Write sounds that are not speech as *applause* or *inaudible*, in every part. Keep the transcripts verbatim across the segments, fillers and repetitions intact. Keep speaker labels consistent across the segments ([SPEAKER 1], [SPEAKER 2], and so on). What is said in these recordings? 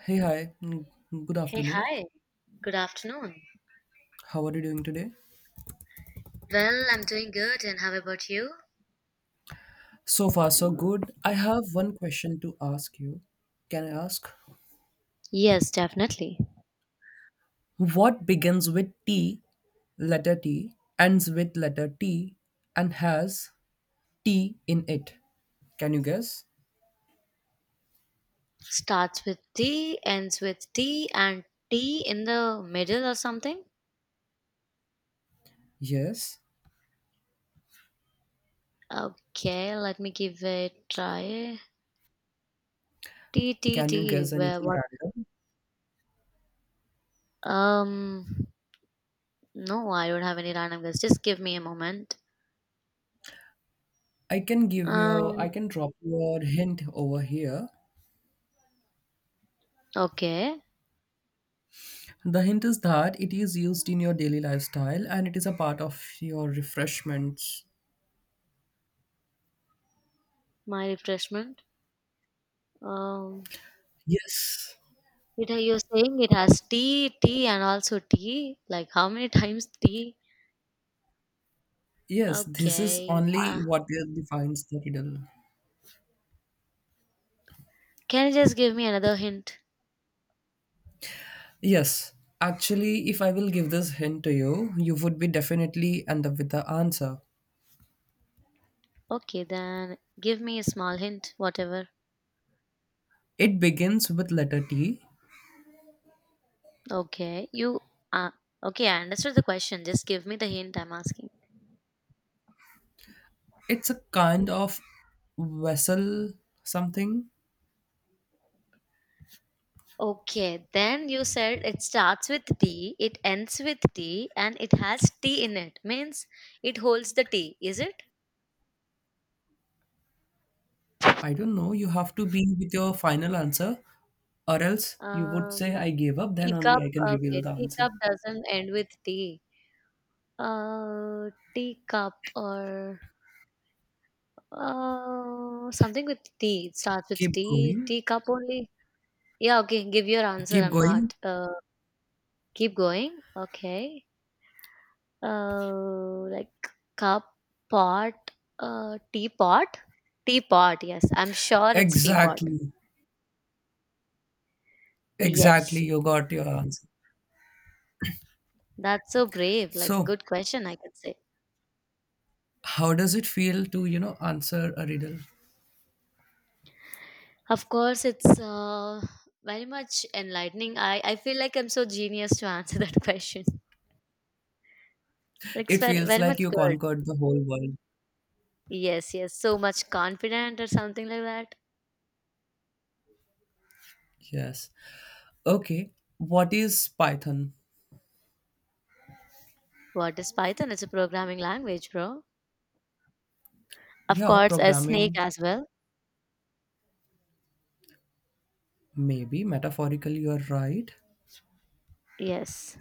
[SPEAKER 1] Hey, hi. Mm, Good
[SPEAKER 2] Hey,
[SPEAKER 1] afternoon.
[SPEAKER 2] hi. Good afternoon.
[SPEAKER 1] How are you doing today?
[SPEAKER 2] Well, I'm doing good, and how about you?
[SPEAKER 1] So far, so good. I have one question to ask you. Can I ask?
[SPEAKER 2] Yes, definitely.
[SPEAKER 1] What begins with T, letter T, ends with letter T, and has T in it? Can you guess?
[SPEAKER 2] Starts with T, ends with T, and T in the middle or something?
[SPEAKER 1] Yes.
[SPEAKER 2] Okay, let me give it a try. T, T,
[SPEAKER 1] Can you
[SPEAKER 2] T.
[SPEAKER 1] guess
[SPEAKER 2] Where,
[SPEAKER 1] anything
[SPEAKER 2] what?
[SPEAKER 1] random?
[SPEAKER 2] Um, no, I don't have any random guess. Just give me a moment.
[SPEAKER 1] I can give you,
[SPEAKER 2] Um,
[SPEAKER 1] I can drop you a hint over here.
[SPEAKER 2] okay.
[SPEAKER 1] The hint is that it is used in your daily lifestyle and it is a part of your refreshments.
[SPEAKER 2] My refreshment. Um,
[SPEAKER 1] Yes.
[SPEAKER 2] it, you're saying it has T, T, and also T? Like, how many *laughs* times T?
[SPEAKER 1] Yes, this is
[SPEAKER 2] Okay. Uh,
[SPEAKER 1] only what defines the riddle.
[SPEAKER 2] can you just give me another hint?
[SPEAKER 1] Yes, actually, if I will give this hint to you, you would be definitely end up with the answer.
[SPEAKER 2] Okay, then give me a small hint, whatever.
[SPEAKER 1] It begins with letter T.
[SPEAKER 2] Okay, you. Uh, okay, I understood the question. Just give me the hint I'm asking.
[SPEAKER 1] It's a kind of vessel something.
[SPEAKER 2] Okay, then you said it starts with T, it ends with T, and it has T in it. Means it holds the T, is it?
[SPEAKER 1] I don't know. You have to be with your final answer, or else you would say,
[SPEAKER 2] Um,
[SPEAKER 1] I gave up, then only
[SPEAKER 2] Teacup.
[SPEAKER 1] I can reveal
[SPEAKER 2] Okay,
[SPEAKER 1] the answer.
[SPEAKER 2] teacup doesn't end with T. Uh, teacup or Uh, something with T. It starts with
[SPEAKER 1] Keep
[SPEAKER 2] T.
[SPEAKER 1] going.
[SPEAKER 2] T cup only. Yeah, okay. Give your answer.
[SPEAKER 1] Keep
[SPEAKER 2] I'm
[SPEAKER 1] going.
[SPEAKER 2] not. Uh, keep going. Okay. Uh, like cup, pot, uh, teapot, teapot. Yes, I'm sure it's teapot.
[SPEAKER 1] Exactly. Exactly.
[SPEAKER 2] Yes,
[SPEAKER 1] You got your answer.
[SPEAKER 2] that's so brave. Like a
[SPEAKER 1] So,
[SPEAKER 2] good question, I could say.
[SPEAKER 1] how does it feel to, you know, answer a riddle?
[SPEAKER 2] Of course, it's uh, very much enlightening. I I feel like I'm so genius to answer *laughs* that question. Like it's
[SPEAKER 1] It
[SPEAKER 2] very
[SPEAKER 1] feels
[SPEAKER 2] very
[SPEAKER 1] like
[SPEAKER 2] much
[SPEAKER 1] you
[SPEAKER 2] good.
[SPEAKER 1] conquered the whole world.
[SPEAKER 2] Yes, yes. So much confident or something like that.
[SPEAKER 1] Yes. Okay. What is Python?
[SPEAKER 2] What is Python? It's a programming language, bro. Of
[SPEAKER 1] Yeah,
[SPEAKER 2] course, a snake
[SPEAKER 1] programming,
[SPEAKER 2] as well.
[SPEAKER 1] maybe. Metaphorically, you're right.
[SPEAKER 2] Yes.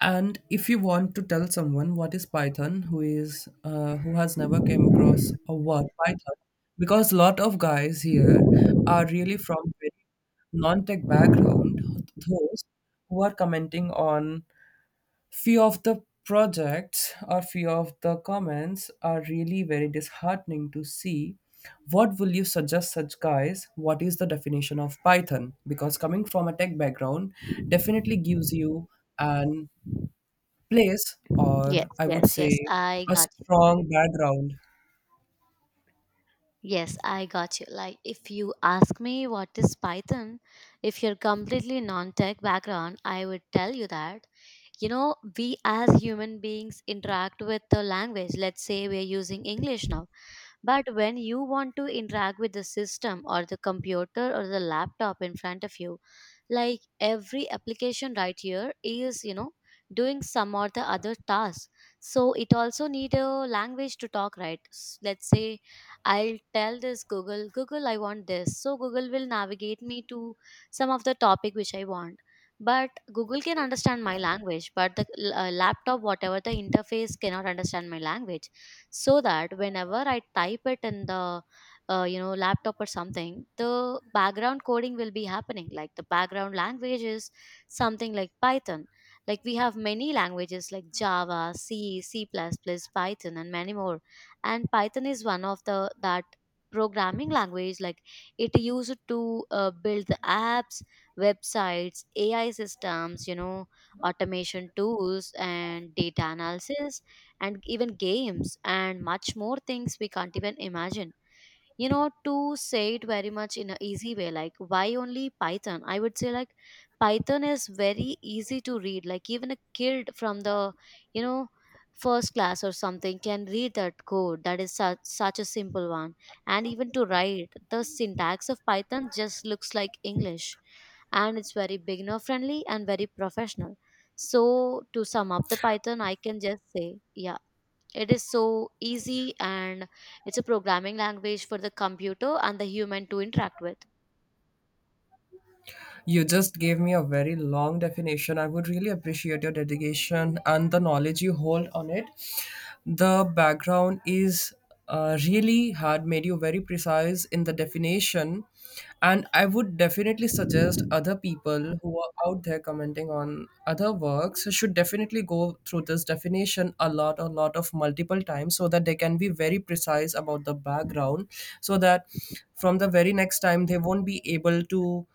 [SPEAKER 1] And if you want to tell someone what is Python, who is uh, who has never came across a word Python, because lot of guys here are really from very non-tech background, those who are commenting on few of the projects or few of the comments are really very disheartening to see. What will you suggest such guys? What is the definition of Python? Because coming from a tech background definitely gives you an place, or
[SPEAKER 2] Yes,
[SPEAKER 1] I would
[SPEAKER 2] yes,
[SPEAKER 1] say
[SPEAKER 2] yes. I
[SPEAKER 1] a
[SPEAKER 2] got you.
[SPEAKER 1] strong background.
[SPEAKER 2] Yes, I got you. Like, if you ask me what is Python, if you're completely non tech background, I would tell you that, you know, we as human beings interact with the language. Let's say we're using English now. But when you want to interact with the system or the computer or the laptop in front of you, like every application right here is, you know, doing some or the other task. So it also need a language to talk, right? S- Let's say I'll tell this Google, Google, I want this. So Google will navigate me to some of the topic which I want. But Google can understand my language, but the uh, laptop, whatever the interface, cannot understand my language, so that whenever I type it in the uh, you know, laptop or something, the background coding will be happening. Like the background language is something like Python. Like we have many languages like Java, C, C plus plus, Python and many more, and Python is one of the that programming language. Like it used to uh, build the apps, websites, A I systems, you know, automation tools and data analysis and even games and much more things we can't even imagine. You know, to say it very much in an easy way, like why only Python, I would say, like Python is very easy to read. Like even a kid from the, you know, first class or something can read that code, that is such, such a simple one, and even to write the syntax of Python just looks like English, and it's very beginner friendly and very professional. So to sum up the Python, I can just say, yeah, it is so easy and it's a programming language for the computer and the human to interact with.
[SPEAKER 1] You just gave me a very long definition. I would really appreciate your dedication and the knowledge you hold on it. The background is uh, really had made you very precise in the definition, and I would definitely suggest other people who are out there commenting on other works should definitely go through this definition a lot, a lot of multiple times so that they can be very precise about the background, so that from the very next time they won't be able to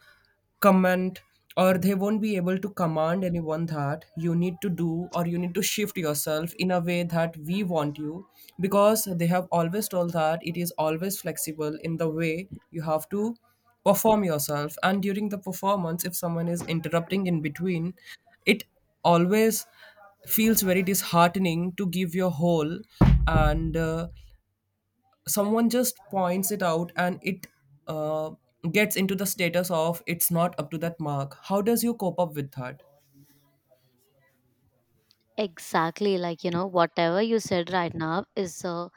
[SPEAKER 1] comment, or they won't be able to command anyone that you need to do or you need to shift yourself in a way that we want you, because they have always told that it is always flexible in the way you have to perform yourself. And during the performance, if someone is interrupting in between, it always feels very disheartening to give your whole, and uh, someone just points it out and it uh, gets into the status of it's not up to that mark. How does you cope up with that?
[SPEAKER 2] Exactly, like you know, whatever you said right now is uh,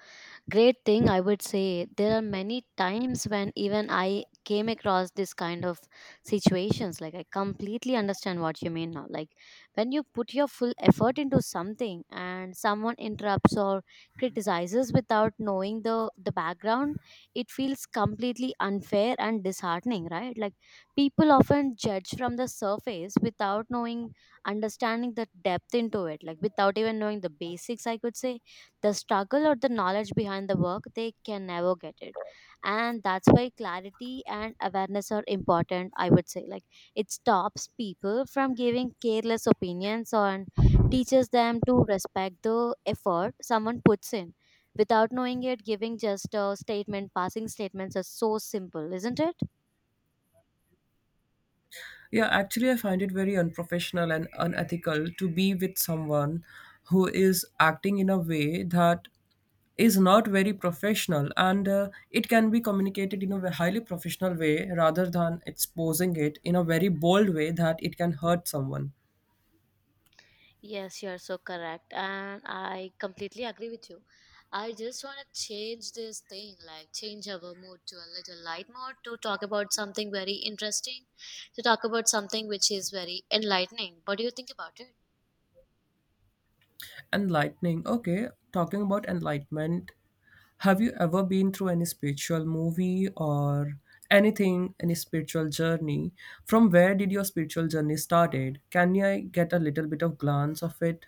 [SPEAKER 2] great thing, I would say. There are many times when even I came across this kind of situations. Like, I completely understand what you mean now. Like, when you put your full effort into something and someone interrupts or criticizes without knowing the, the background, it feels completely unfair and disheartening, right? Like, people often judge from the surface without knowing, understanding the depth into it, like, without even knowing the basics, I could say the struggle or the knowledge behind the work, they can never get it. And that's why clarity and awareness are important, I would say. Like it stops people from giving careless opinions and teaches them to respect the effort someone puts in. Without knowing it, giving just a statement, passing statements are so simple, isn't it?
[SPEAKER 1] Yeah, actually, I find it very unprofessional and unethical to be with someone who is acting in a way that is not very professional, and uh, it can be communicated in a ve- highly professional way rather than exposing it in a very bold way that it can hurt someone.
[SPEAKER 2] Yes, you are so correct. And I completely agree with you. I just want to change this thing, like change our mood to a little light mode to talk about something very interesting, to talk about something which is very enlightening. What do you think about it?
[SPEAKER 1] Enlightening. Okay, talking about enlightenment, have you ever been through any spiritual movie or anything, any spiritual journey? From where did your spiritual journey started? Can I get a little bit of glance of it?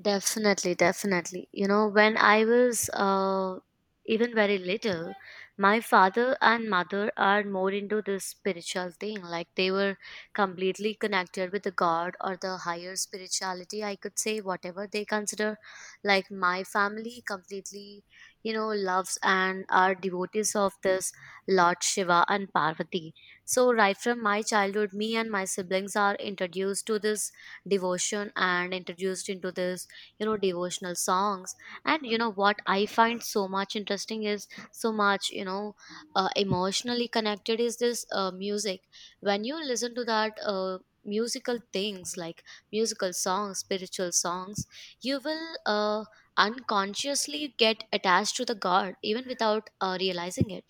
[SPEAKER 2] Definitely, definitely. You know, when I was uh, even very little, my father and mother are more into this spiritual thing. Like they were completely connected with the God or the higher spirituality, I could say, whatever they consider. Like my family completely, you know, loves and are devotees of this Lord Shiva and Parvati. So, right from my childhood, me and my siblings are introduced to this devotion and introduced into this, you know, devotional songs. And you know what I find so much interesting is so much, you know, uh, emotionally connected is this uh, music. When you listen to that uh, musical things, like musical songs, spiritual songs, you will uh, unconsciously get attached to the God even without uh, realizing it.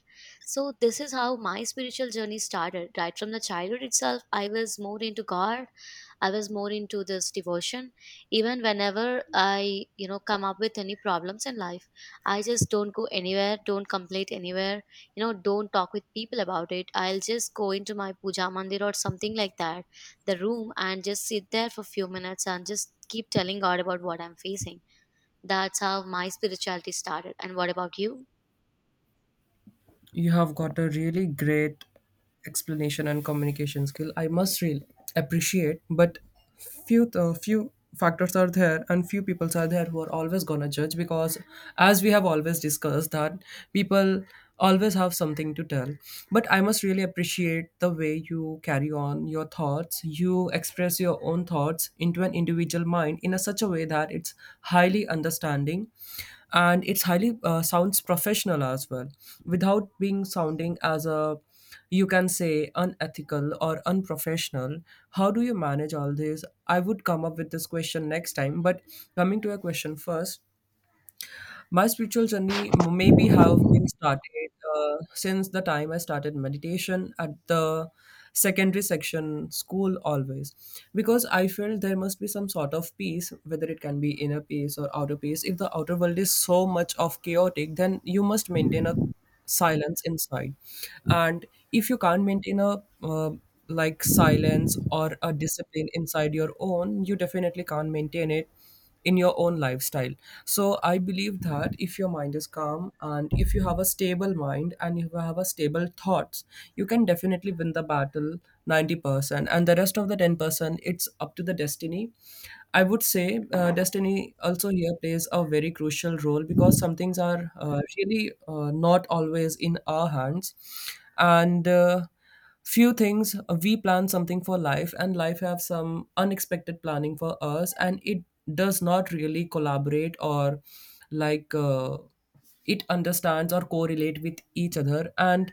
[SPEAKER 2] So this is how my spiritual journey started. Right from the childhood itself I was more into God, I was more into this devotion. Even whenever I, you know, come up with any problems in life, I just don't go anywhere, don't complain anywhere, you know, don't talk with people about it. I'll just go into my puja mandir or something like that, the room, and just sit there for a few minutes and just keep telling God about what I'm facing. That's how my spirituality started. And what about you?
[SPEAKER 1] You have got a really great explanation and communication skill. I must really appreciate, but few uh, few factors are there and few people are there who are always gonna judge, because as we have always discussed that people always have something to tell. But I must really appreciate the way you carry on your thoughts, you express your own thoughts into an individual mind in a such a way that it's highly understanding, and it's highly uh, sounds professional as well, without being sounding as a, you can say, unethical or unprofessional. How do you manage all this? I would come up with this question next time, but coming to a question first, my spiritual journey m- maybe have been started uh, since the time I started meditation at the secondary section school, always, because I felt there must be some sort of peace, whether it can be inner peace or outer peace. If the outer world is so much of chaotic, then you must maintain a silence inside. And if you can't maintain a uh, like silence or a discipline inside your own, you definitely can't maintain it in your own lifestyle. So I believe that if your mind is calm and if you have a stable mind and you have a stable thoughts, you can definitely win the battle ninety percent, and the rest of the ten percent, it's up to the destiny, I would say. Uh, destiny also here plays a very crucial role, because some things are uh, really uh, not always in our hands. And uh, few things, uh, we plan something for life and life have some unexpected planning for us, and it does not really collaborate or like uh, it understands or correlate with each other. And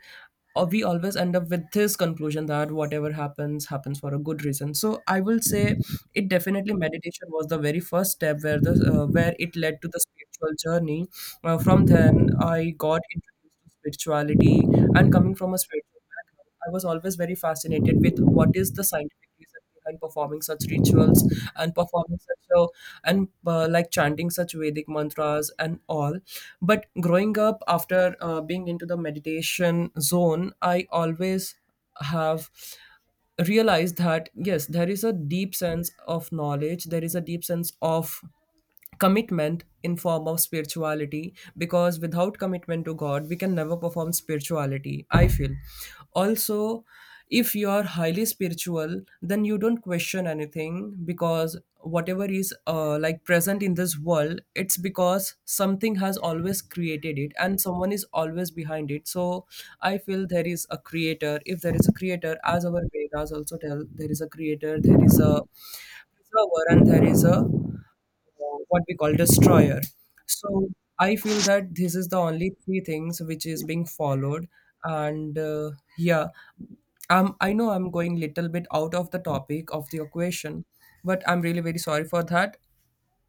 [SPEAKER 1] uh, we always end up with this conclusion that whatever happens happens for a good reason. So I will say it definitely meditation was the very first step where the uh, where it led to the spiritual journey. Uh, from then I got introduced to spirituality, and coming from a spiritual background, I was always very fascinated with what is the scientific reason behind performing such rituals and performing such a, and uh, like chanting such Vedic mantras and all. But growing up after uh, being into the meditation zone, I always have realize that yes, there is a deep sense of knowledge, there is a deep sense of commitment in form of spirituality, because without commitment to god we can never perform spirituality, I feel. Also, if you are highly spiritual, then you don't question anything, because whatever is uh, like present in this world, it's because something has always created it and someone is always behind it. So I feel there is a creator. If there is a creator, as our vedas also tell, there is a creator, there is a preserver, and there is a what we call destroyer. So I feel that this is the only three things which is being followed, and uh, yeah, um, I know I'm going little bit out of the topic of the equation, but I'm really very sorry for that.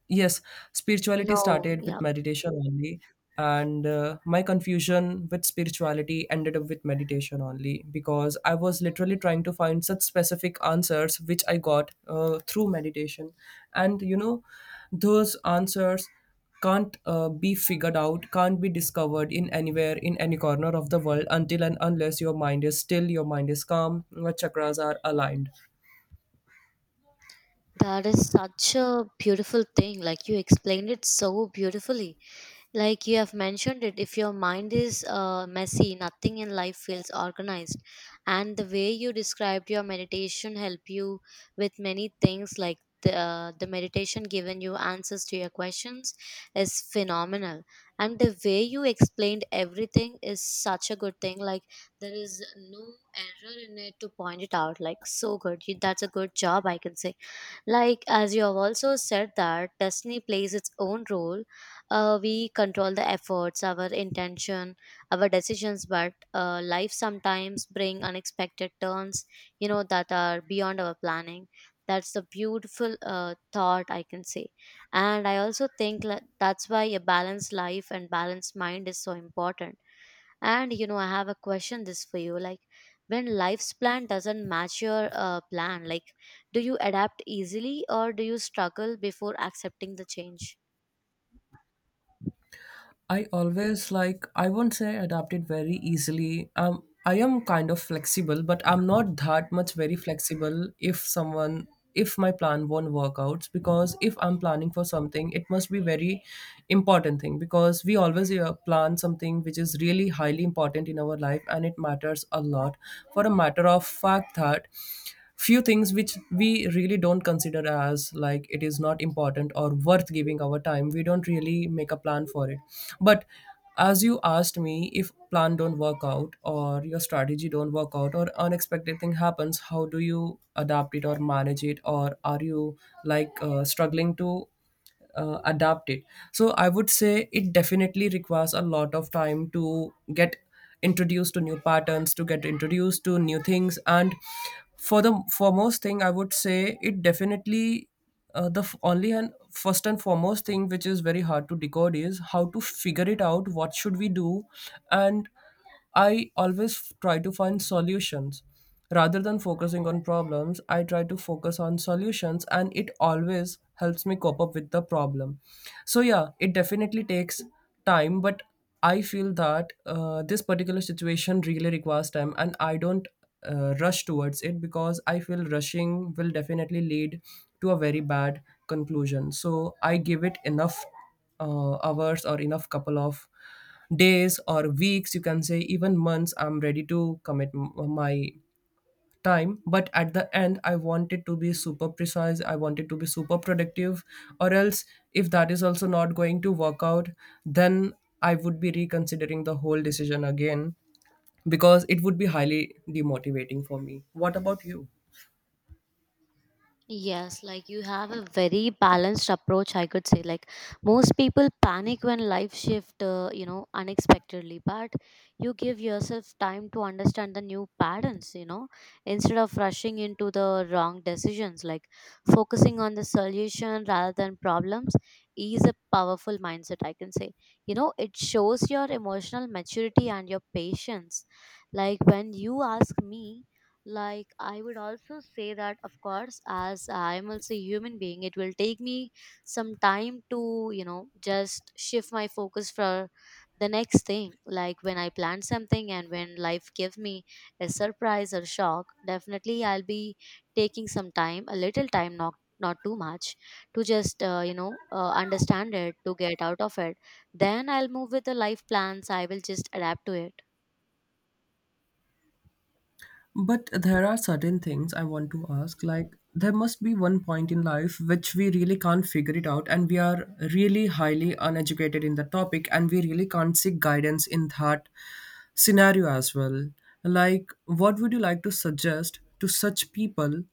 [SPEAKER 1] Yes, spirituality
[SPEAKER 2] No.
[SPEAKER 1] started with
[SPEAKER 2] Yeah,
[SPEAKER 1] meditation only, and uh, my confusion with spirituality ended up with meditation only, because I was literally trying to find such specific answers which I got uh, through meditation. And you know, those answers can't uh, be figured out, can't be discovered in anywhere in any corner of the world until and unless your mind is still, your mind is calm, your chakras are aligned.
[SPEAKER 2] that is such a beautiful thing. Like you explained it so beautifully, like you have mentioned it, if your mind is uh, messy, nothing in life feels organized. And the way you described your meditation help you with many things, like the, uh, the meditation given you answers to your questions is phenomenal. And the way you explained everything is such a good thing. Like there is no error in it to point it out, like so good. You- that's a good job, I can say. Like as you have also said that destiny plays its own role, uh, we control the efforts, our intention, our decisions, but uh, life sometimes bring unexpected turns, you know, that are beyond our planning. That's the beautiful uh, thought, I can say. And I also think la- that's why a balanced life and balanced mind is so important. And you know, I have a question this for you. Like, when life's plan doesn't match your uh, plan, like, do you adapt easily or do you struggle before accepting the change?
[SPEAKER 1] I always, like, I won't say adapted very easily. Um, I am kind of flexible, but I'm not that much very flexible if someone, if my plan won't work out. Because if I'm planning for something, it must be very important thing, because we always uh, plan something which is really highly important in our life and it matters a lot. For a matter of fact that few things which we really don't consider as like it is not important or worth giving our time, we don't really make a plan for it. But as you asked me, if plan don't work out or your strategy don't work out or unexpected thing happens, how do you adapt it or manage it, or are you like uh, struggling to uh, adapt it? So I would say it definitely requires a lot of time to get introduced to new patterns, to get introduced to new things. And for the foremost thing, I would say it definitely, uh, the f- only and first and foremost thing which is very hard to decode is how to figure it out what should we do. And I always f- try to find solutions. Rather than focusing on problems, I try to focus on solutions, and it always helps me cope up with the problem. So, yeah, it definitely takes time, but I feel that uh, this particular situation really requires time, and I don't uh, rush towards it, because I feel rushing will definitely lead to a very bad conclusion. So I give it enough uh, hours or enough couple of days or weeks, you can say even months. I'm ready to commit m- uh, my time, but at the end I want it to be super precise, I want it to be super productive. Or else, if that is also not going to work out, then I would be reconsidering the whole decision again, because it would be highly demotivating for me. What about you?
[SPEAKER 2] Yes, like you have a very balanced approach, I could say. Like most people panic when life shift, uh, you know, unexpectedly, but you give yourself time to understand the new patterns, you know, instead of rushing into the wrong decisions. Like focusing on the solution rather than problems is a powerful mindset, I can say. You know, it shows your emotional maturity and your patience. Like when you ask me, like I would also say that of course, as I'm also a human being, it will take me some time to, you know, just shift my focus for the next thing. Like when I plan something and when life gives me a surprise or shock, definitely I'll be taking some time, a little time, not not too much, to just uh, you know, uh, understand it, to get out of it. Then I'll move with the life plans. I will just adapt to it.
[SPEAKER 1] But there are certain things I want to ask. Like, there must be one point in life which we really can't figure it out, and we are really highly uneducated in the topic, and we really can't seek guidance in that scenario as well. Like, what would you like to suggest to such people?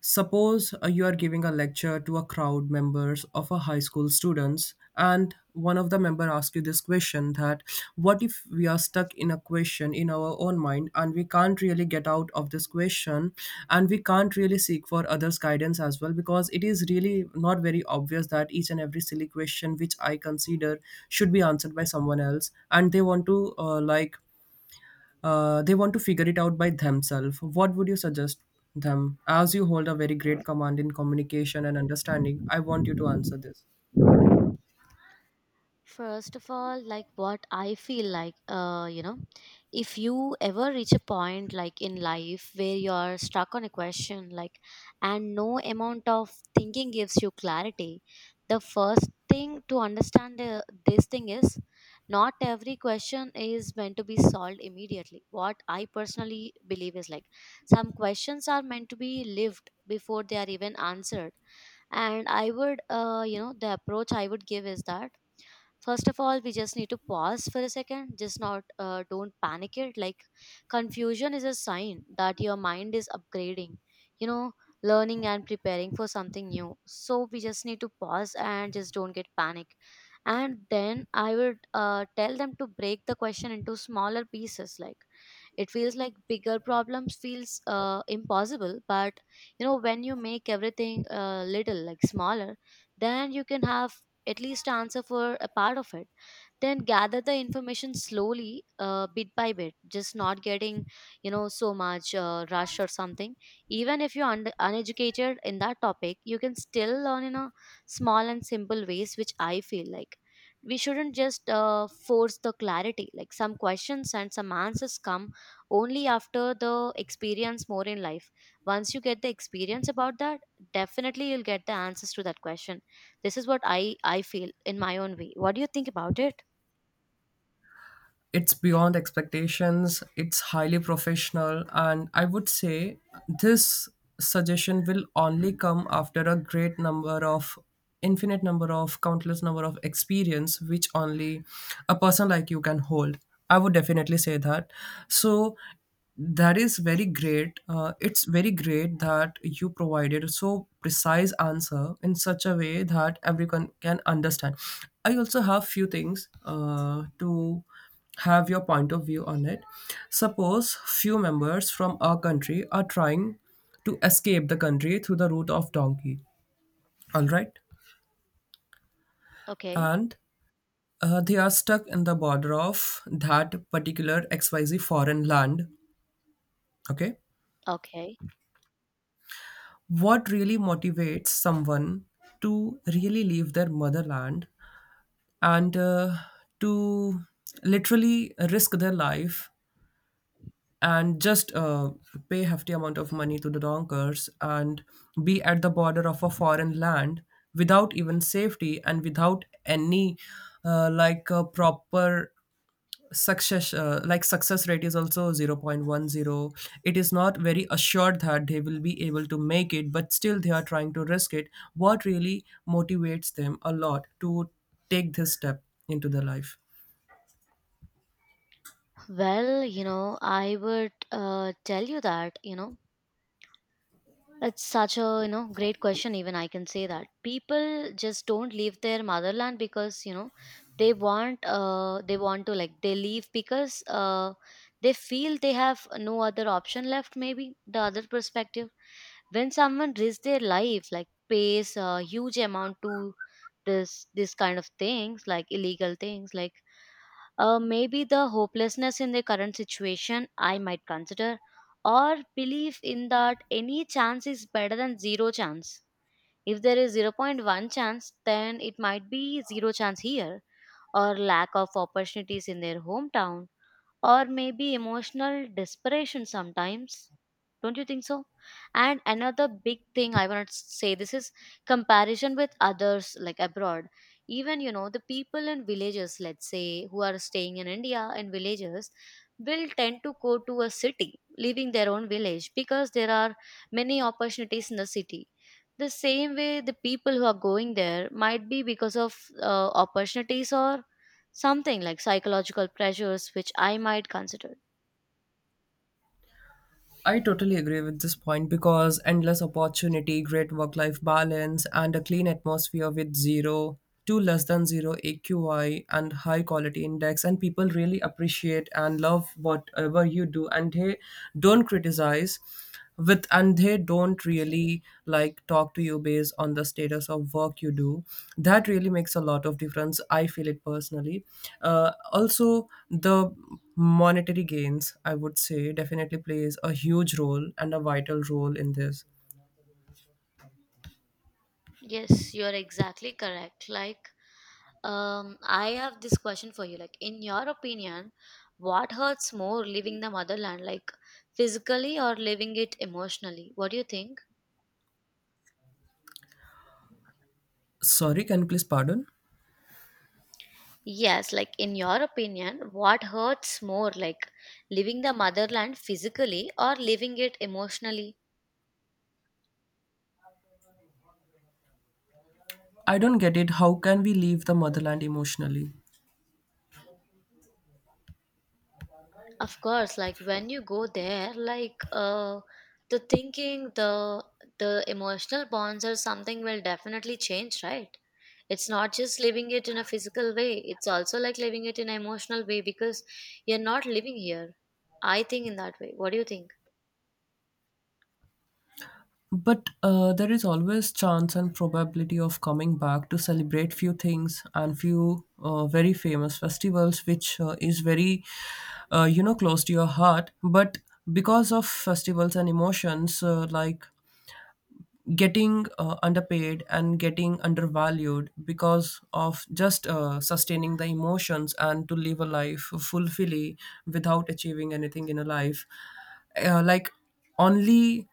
[SPEAKER 1] Suppose uh, you are giving a lecture to a crowd members of a high school students and one of the member asks you this question that what if we are stuck in a question in our own mind and we can't really get out of this question, and we can't really seek for others guidance as well, because it is really not very obvious that each and every silly question which I consider should be answered by someone else and they want to uh, like uh, they want to figure it out by themselves. What would you suggest them? As you hold a very great command in communication and understanding, I want you to answer this.
[SPEAKER 2] First of all, like what I feel like, uh, you know, if you ever reach a point like in life where you're stuck on a question, like, and no amount of thinking gives you clarity, the first thing to understand uh, this thing is not every question is meant to be solved immediately. What I personally believe is like some questions are meant to be lived before they are even answered. And I would, uh, you know, the approach I would give is that first of all we just need to pause for a second, just not uh, don't panic it. Like confusion is a sign that your mind is upgrading, you know, learning and preparing for something new. So we just need to pause and just don't get panic. And then I would uh, tell them to break the question into smaller pieces. Like it feels like bigger problems feels uh, impossible, but you know, when you make everything uh, little, like smaller, then you can have at least answer for a part of it. Then gather the information slowly, uh, bit by bit, just not getting, you know, so much uh, rush or something. Even if you're un- uneducated in that topic, you can still learn in a small and simple ways, which I feel like we shouldn't just uh, force the clarity. Like some questions and some answers come only after the experience more in life. Once you get the experience about that, definitely you'll get the answers to that question. This is what I I feel in my own way. What do you think about it?
[SPEAKER 1] It's beyond expectations, it's highly professional, and I would say this suggestion will only come after a great number of, infinite number of, countless number of experience which only a person like you can hold. I would definitely say that. So that is very great, uh, it's very great that you provided a so precise answer in such a way that everyone can understand. I also have few things uh, to have your point of view on it. Suppose few members from our country are trying to escape the country through the route of donkey. All right.
[SPEAKER 2] Okay.
[SPEAKER 1] And uh, they are stuck in the border of that particular X Y Z foreign land. Okay.
[SPEAKER 2] Okay.
[SPEAKER 1] What really motivates someone to really leave their motherland and uh, to literally risk their life and just uh, pay hefty amount of money to the donkers and be at the border of a foreign land without even safety and without any uh, like uh, proper success, uh, like success rate is also zero point one zero. It is not very assured that they will be able to make it, but still they are trying to risk it. What really motivates them a lot to take this step into their life?
[SPEAKER 2] Well, you know, I would uh, tell you that, you know, that's such a, you know, great question. Even I can say that people just don't leave their motherland because, you know, they want, uh they want to like they leave because uh they feel they have no other option left. Maybe the other perspective, when someone risks their life, like pays a huge amount to this this kind of things, like illegal things, like uh, maybe the hopelessness in the current situation I might consider, or belief in that any chance is better than zero chance. If there is zero point zero point one chance, then it might be zero chance here, or lack of opportunities in their hometown, or maybe emotional desperation sometimes. Don't you think so? And another big thing I want to say this is comparison with others like abroad. Even, you know, the people in villages, let's say, who are staying in India in villages, will tend to go to a city, leaving their own village because there are many opportunities in the city. The same way, the people who are going there might be because of uh, opportunities or something like psychological pressures, which I might consider.
[SPEAKER 1] I totally agree with this point because endless opportunity, great work life balance, and a clean atmosphere with zero to less than zero A Q I and high quality index, and people really appreciate and love whatever you do, and they don't criticize with, and they don't really like talk to you based on the status of work you do. That really makes a lot of difference, I feel it personally. Uh, also, the monetary gains I would say definitely plays a huge role and a vital role in this.
[SPEAKER 2] Yes, you're exactly correct. Like, um, I have this question for you. Like, in your opinion, what hurts more, leaving the motherland, like physically, or leaving it emotionally? What do you think?
[SPEAKER 1] Sorry, can you please pardon?
[SPEAKER 2] Yes, like in your opinion, what hurts more, like leaving the motherland physically or leaving it emotionally?
[SPEAKER 1] I don't get it, how can we leave the motherland emotionally?
[SPEAKER 2] Of course, like when you go there, like uh the thinking, the the emotional bonds or something will definitely change, right? It's not just living it in a physical way, it's also like living it in an emotional way, because you're not living here. I think in that way. What do you think?
[SPEAKER 1] But uh, there is always chance and probability of coming back to celebrate few things and few uh, very famous festivals, which uh, is very, uh, you know, close to your heart. But because of festivals and emotions, uh, like getting uh, underpaid and getting undervalued because of just uh, sustaining the emotions and to live a life fulfilly without achieving anything in a life, uh, like only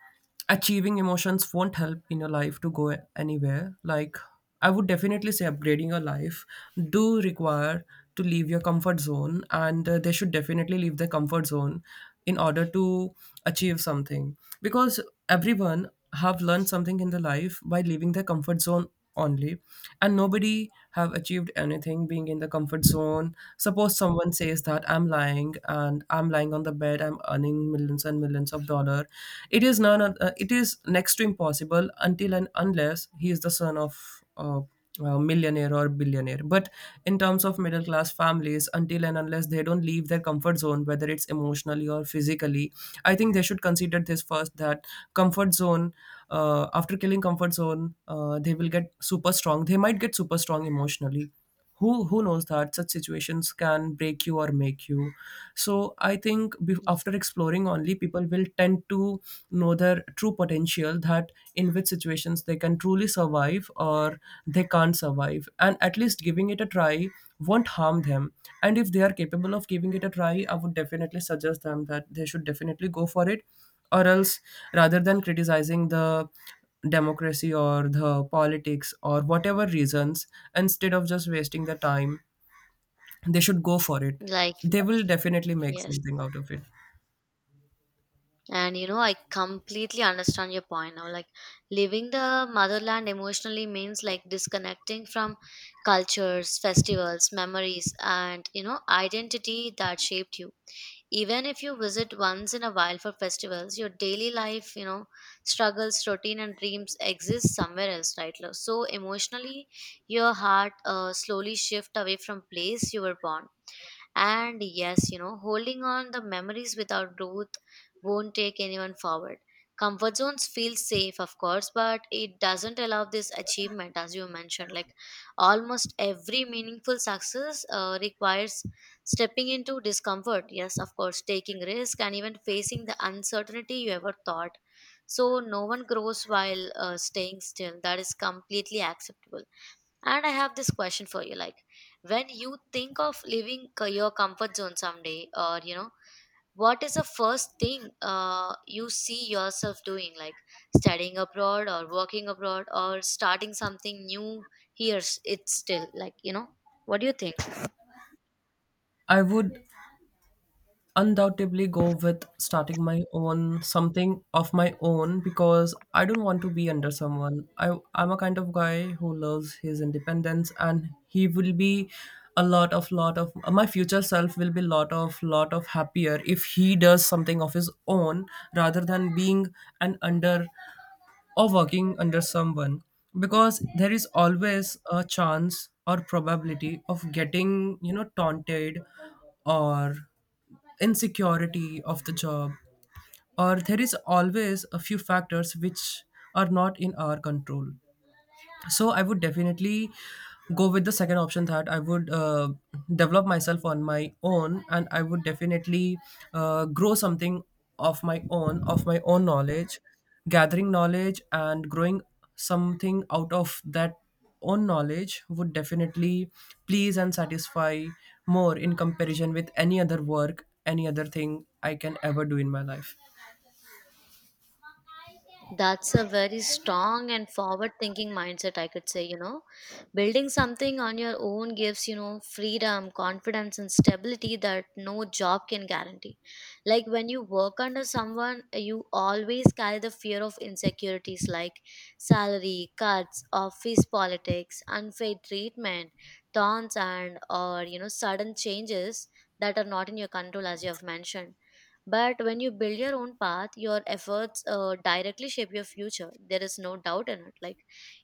[SPEAKER 1] achieving emotions won't help in your life to go anywhere. Like, I would definitely say upgrading your life do require to leave your comfort zone, and uh, they should definitely leave their comfort zone in order to achieve something. Because everyone have learned something in their life by leaving their comfort zone only, and nobody have achieved anything being in the comfort zone. Suppose someone says that I'm lying and I'm lying on the bed, I'm earning millions and millions of dollar. It is none. Oth- uh, it is next to impossible until and unless he is the son of uh, uh, millionaire or billionaire, but in terms of middle class families, until and unless they don't leave their comfort zone, whether it's emotionally or physically, I think they should consider this first, that comfort zone, uh, after killing comfort zone, uh, they will get super strong, they might get super strong emotionally. Who who knows that such situations can break you or make you. So I think, bef- after exploring only, people will tend to know their true potential, that in which situations they can truly survive or they can't survive, and at least giving it a try won't harm them. And if they are capable of giving it a try, I would definitely suggest them that they should definitely go for it. Or else, rather than criticizing the democracy or the politics or whatever reasons, instead of just wasting the time, they should go for it.
[SPEAKER 2] Like,
[SPEAKER 1] They will definitely make
[SPEAKER 2] yes.
[SPEAKER 1] something out of it.
[SPEAKER 2] And you know, I completely understand your point now. Like, leaving the motherland emotionally means like disconnecting from cultures, festivals, memories, and you know, identity that shaped you. Even if you visit once in a while for festivals, your daily life, you know, struggles, routine, and dreams exist somewhere else, right? Lo- So, emotionally, your heart uh, slowly shift away from place you were born, and yes, you know, holding on the memories without growth won't take anyone forward. Comfort zones feel safe, of course, but it doesn't allow this achievement, as you mentioned. Like almost every meaningful success uh, requires stepping into discomfort. Yes, of course, taking risk and even facing the uncertainty you ever thought. So no one grows while uh, staying still. That is completely acceptable, and I have this question for you, like, when you think of leaving co- your comfort zone someday, or you know, what is the first thing uh, you see yourself doing? Like studying abroad or working abroad or starting something new here? s- It's still like, you know, what do you think?
[SPEAKER 1] I would undoubtedly go with starting my own, something of my own, because I don't want to be under someone. I I'm a kind of guy who loves his independence and he will be a lot of, lot of my future self will be lot of lot of happier if he does something of his own rather than being an under, or working under someone, because there is always a chance or probability of getting, you know, taunted, or insecurity of the job, or there is always a few factors which are not in our control. So I would definitely go with the second option, that I would uh, develop myself on my own, and I would definitely uh, grow something of my own, of my own knowledge. Gathering knowledge and growing something out of that own knowledge would definitely please and satisfy more in comparison with any other work, any other thing I can ever do in my life.
[SPEAKER 2] That's a very strong and forward thinking mindset, I could say. You know, building something on your own gives, you know, freedom, confidence, and stability that no job can guarantee. Like when you work under someone, you always carry the fear of insecurities, like salary, cuts, office politics, unfair treatment, taunts, and or you know, sudden changes that are not in your control, as you have mentioned. But when you build your own path, your efforts uh, directly shape your future. There is no doubt in it. Like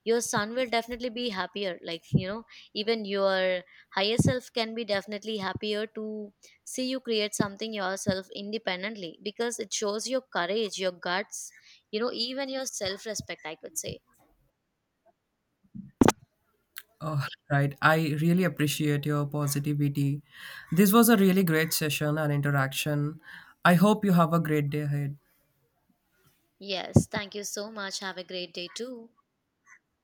[SPEAKER 2] your son will definitely be happier. Like, you know, even your higher self can be definitely happier to see you create something yourself independently, because it shows your courage, your guts, you know, even your self respect, I could say.
[SPEAKER 1] Oh, right. I really appreciate your positivity. This was a really great session and interaction. I hope you have a great day ahead.
[SPEAKER 2] Yes, thank you so much. Have a great day too.